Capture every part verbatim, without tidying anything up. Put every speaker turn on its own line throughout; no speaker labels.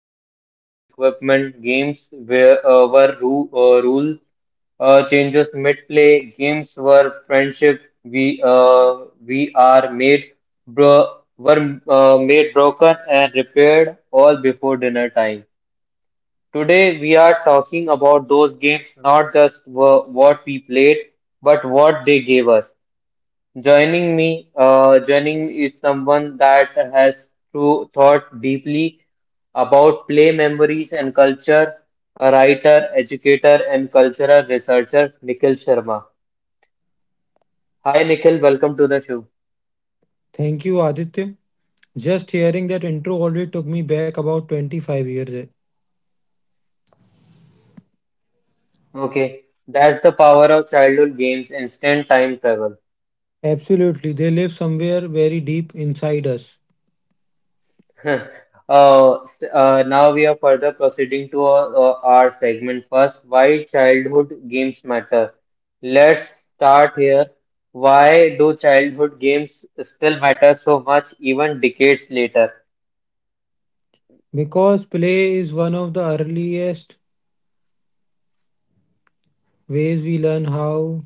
More than equipment. Games were, uh, were ru uh, rule uh, changes mid-play. Games were friendship. We uh, we are made bro were uh, made broken, and repaired all before dinner time. Today we are talking about those games, not just wha- what we played, but what they gave us. Joining me, uh, joining me is someone that has to thought deeply about play memories and culture: a writer, educator, and cultural researcher, Nikhil Sharma. Hi, Nikhil, welcome to the show.
Thank you Aditya just hearing that intro already took me back about twenty-five years.
Okay, that's the power of childhood games, instant time travel.
Absolutely, they live somewhere very deep inside us.
Uh, s- uh, now we are further proceeding to our, uh, our segment first. Why childhood games matter? Let's start here. Why do childhood games still matter so much even decades later,
Because play is one of the earliest ways we learn how.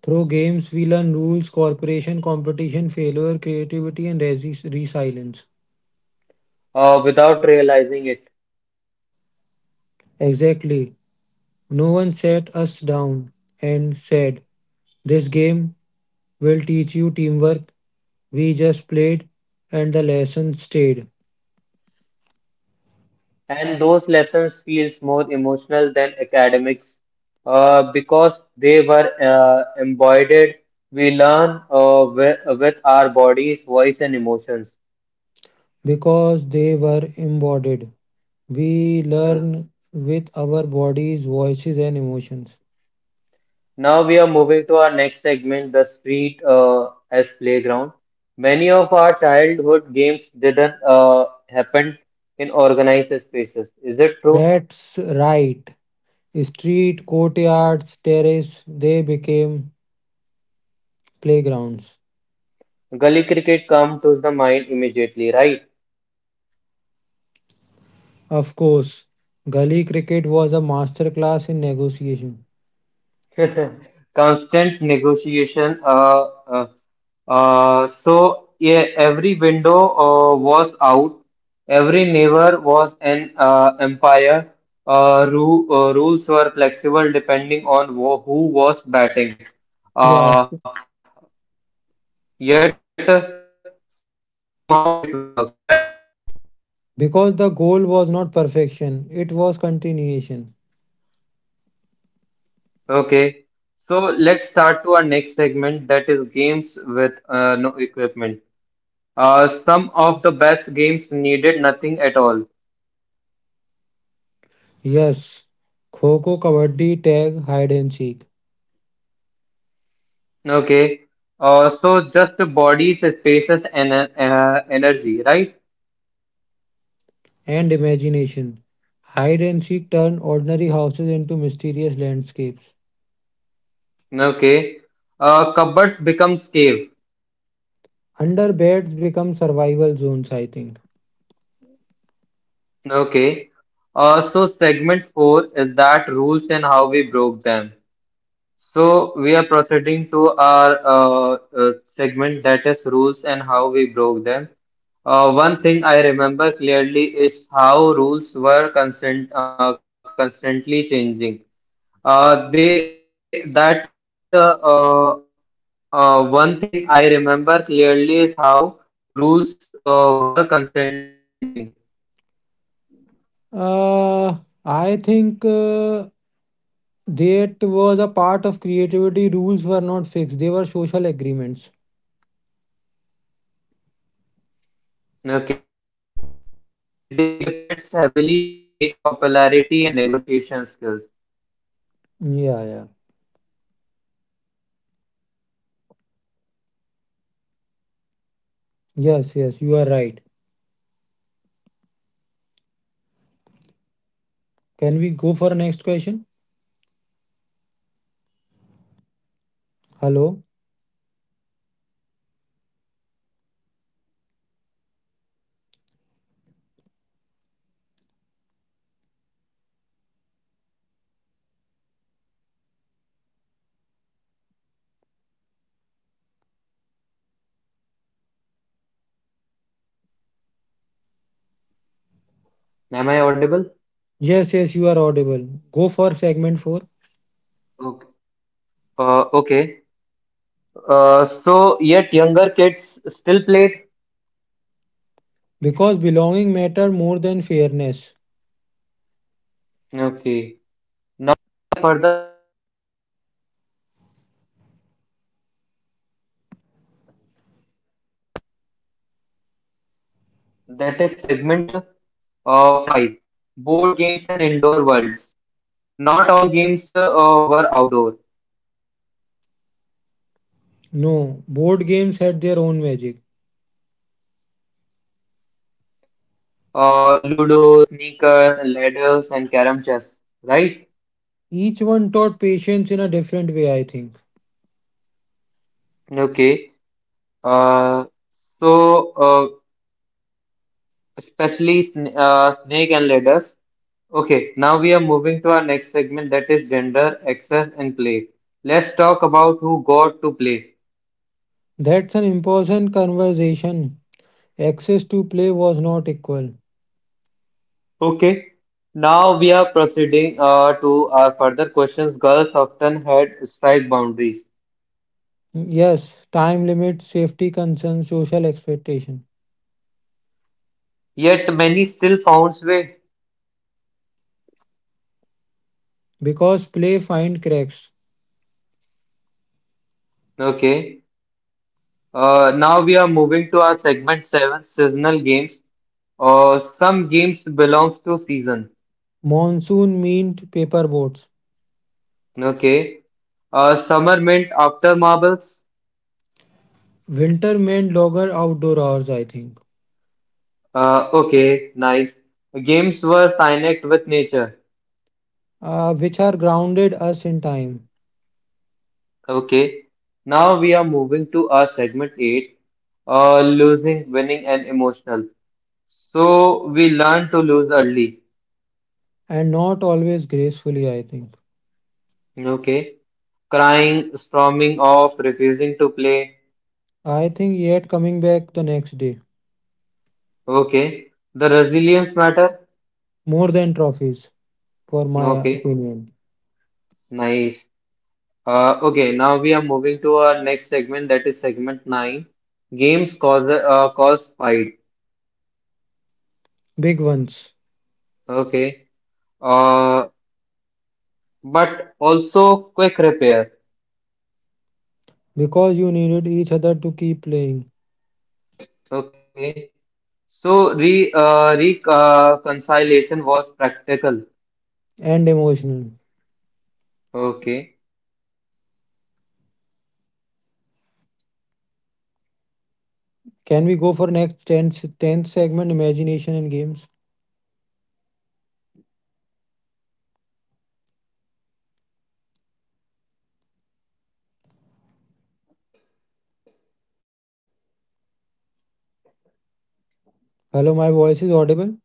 Through games we learn rules, cooperation, competition, failure, creativity, and resi- resilience.
uh, without realizing it?
Exactly. No one sat us down and said this game will teach you teamwork. We just played and the lesson stayed
And those lessons feels more emotional than academics, uh, because they were uh, embodied. We learn uh, with, with our bodies, voice, and emotions.
because they were embodied. We learn with our bodies, voices, and emotions.
Now we are moving to our next segment, the street uh, as playground. Many of our childhood games didn't uh, happen in organized spaces. Is it true?
That's right. Street, courtyards, terrace, they became playgrounds.
Gully cricket comes to the mind immediately, right?
Of course, gully cricket was a masterclass in negotiation.
Constant negotiation. Uh, uh, uh, so yeah, every window uh, was out. Every neighbor was an uh, empire. Uh, ru uh, Rules were flexible depending on wo- who was batting. Uh,
Yes,
Yet, uh, somehow it works, right?
because the goal was not perfection, it was continuation.
Okay. So let's start to our next segment, that is games with uh, no equipment. Uh, some of the best games needed nothing at all.
Yes, kho kho, kabaddi, tag, hide and seek.
Okay. Uh, so just the body's spaces and uh, energy, right?
And imagination. Hide and seek turn ordinary houses into mysterious landscapes.
Okay. Uh, cupboards becomes cave.
Under beds become survival zones, I think.
Okay. Uh, so segment four is that rules and how we broke them. So we are proceeding to our uh, uh, segment that is rules and how we broke them. Uh, one thing I remember clearly is how rules were constant, uh, constantly changing. Uh, they that uh, uh, uh, One thing I remember clearly is how rules uh, were constantly changing.
Uh, I think uh, that was a part of creativity. Rules were not fixed, they were social agreements.
Okay, and they depends heavily on age, popularity, and negotiation skills.
Yeah, yeah. Yes, yes, you are right. Can we go for next question? Hello?
Am I audible?
Yes, yes, you are audible. Go for segment four.
Okay. Uh, okay. Uh, so yet younger kids still played.
Because belonging matter more than fairness.
Okay. Now for
That is segment uh, five Board games and indoor worlds. Not all games uh, were outdoor.
No, board games had their own magic.
Uh, Ludo, sneakers, ladders, and carom chess, right?
Each one taught patience in a different way, I think.
Okay. Uh, so, uh, especially sn uh, snake and ladders. Okay, now we are moving to our next segment, that is gender, access, and play. Let's talk about who got to play.
That's an important conversation. Access to play was not equal.
Okay, now we are proceeding uh, to our further questions. Girls often had strike boundaries,
Yes, time limits, safety concerns, social expectation.
yet many still found way.
Because play find cracks.
Okay, uh, now we are moving to our segment seven, seasonal games. Uh, some games belongs to season.
Monsoon meant paper boats.
Okay, uh, summer meant after marbles.
Winter meant longer outdoor hours, I think,
Uh, okay, nice. Games were signed with nature.
uh, which are grounded us in time
Okay, now we are moving to our segment eight. Uh, losing, winning, and emotional. So we learn to lose early.
and not always gracefully, I think.
Okay. Crying, storming off, refusing to play.
I think yet coming back the next day.
Okay. The resilience matter.
More than trophies, for my
Okay.
opinion.
Nice. Uh, okay. Now we are moving to our next segment. That is segment nine. Games cause uh, cause fight.
Big ones.
Okay. Uh, but also quick repair.
Because you needed each other to keep playing
Okay. So re uh, reconciliation was practical.
and emotional.
Okay.
Can we go for next tenth tenth segment imagination and games? Hello, my voice is audible.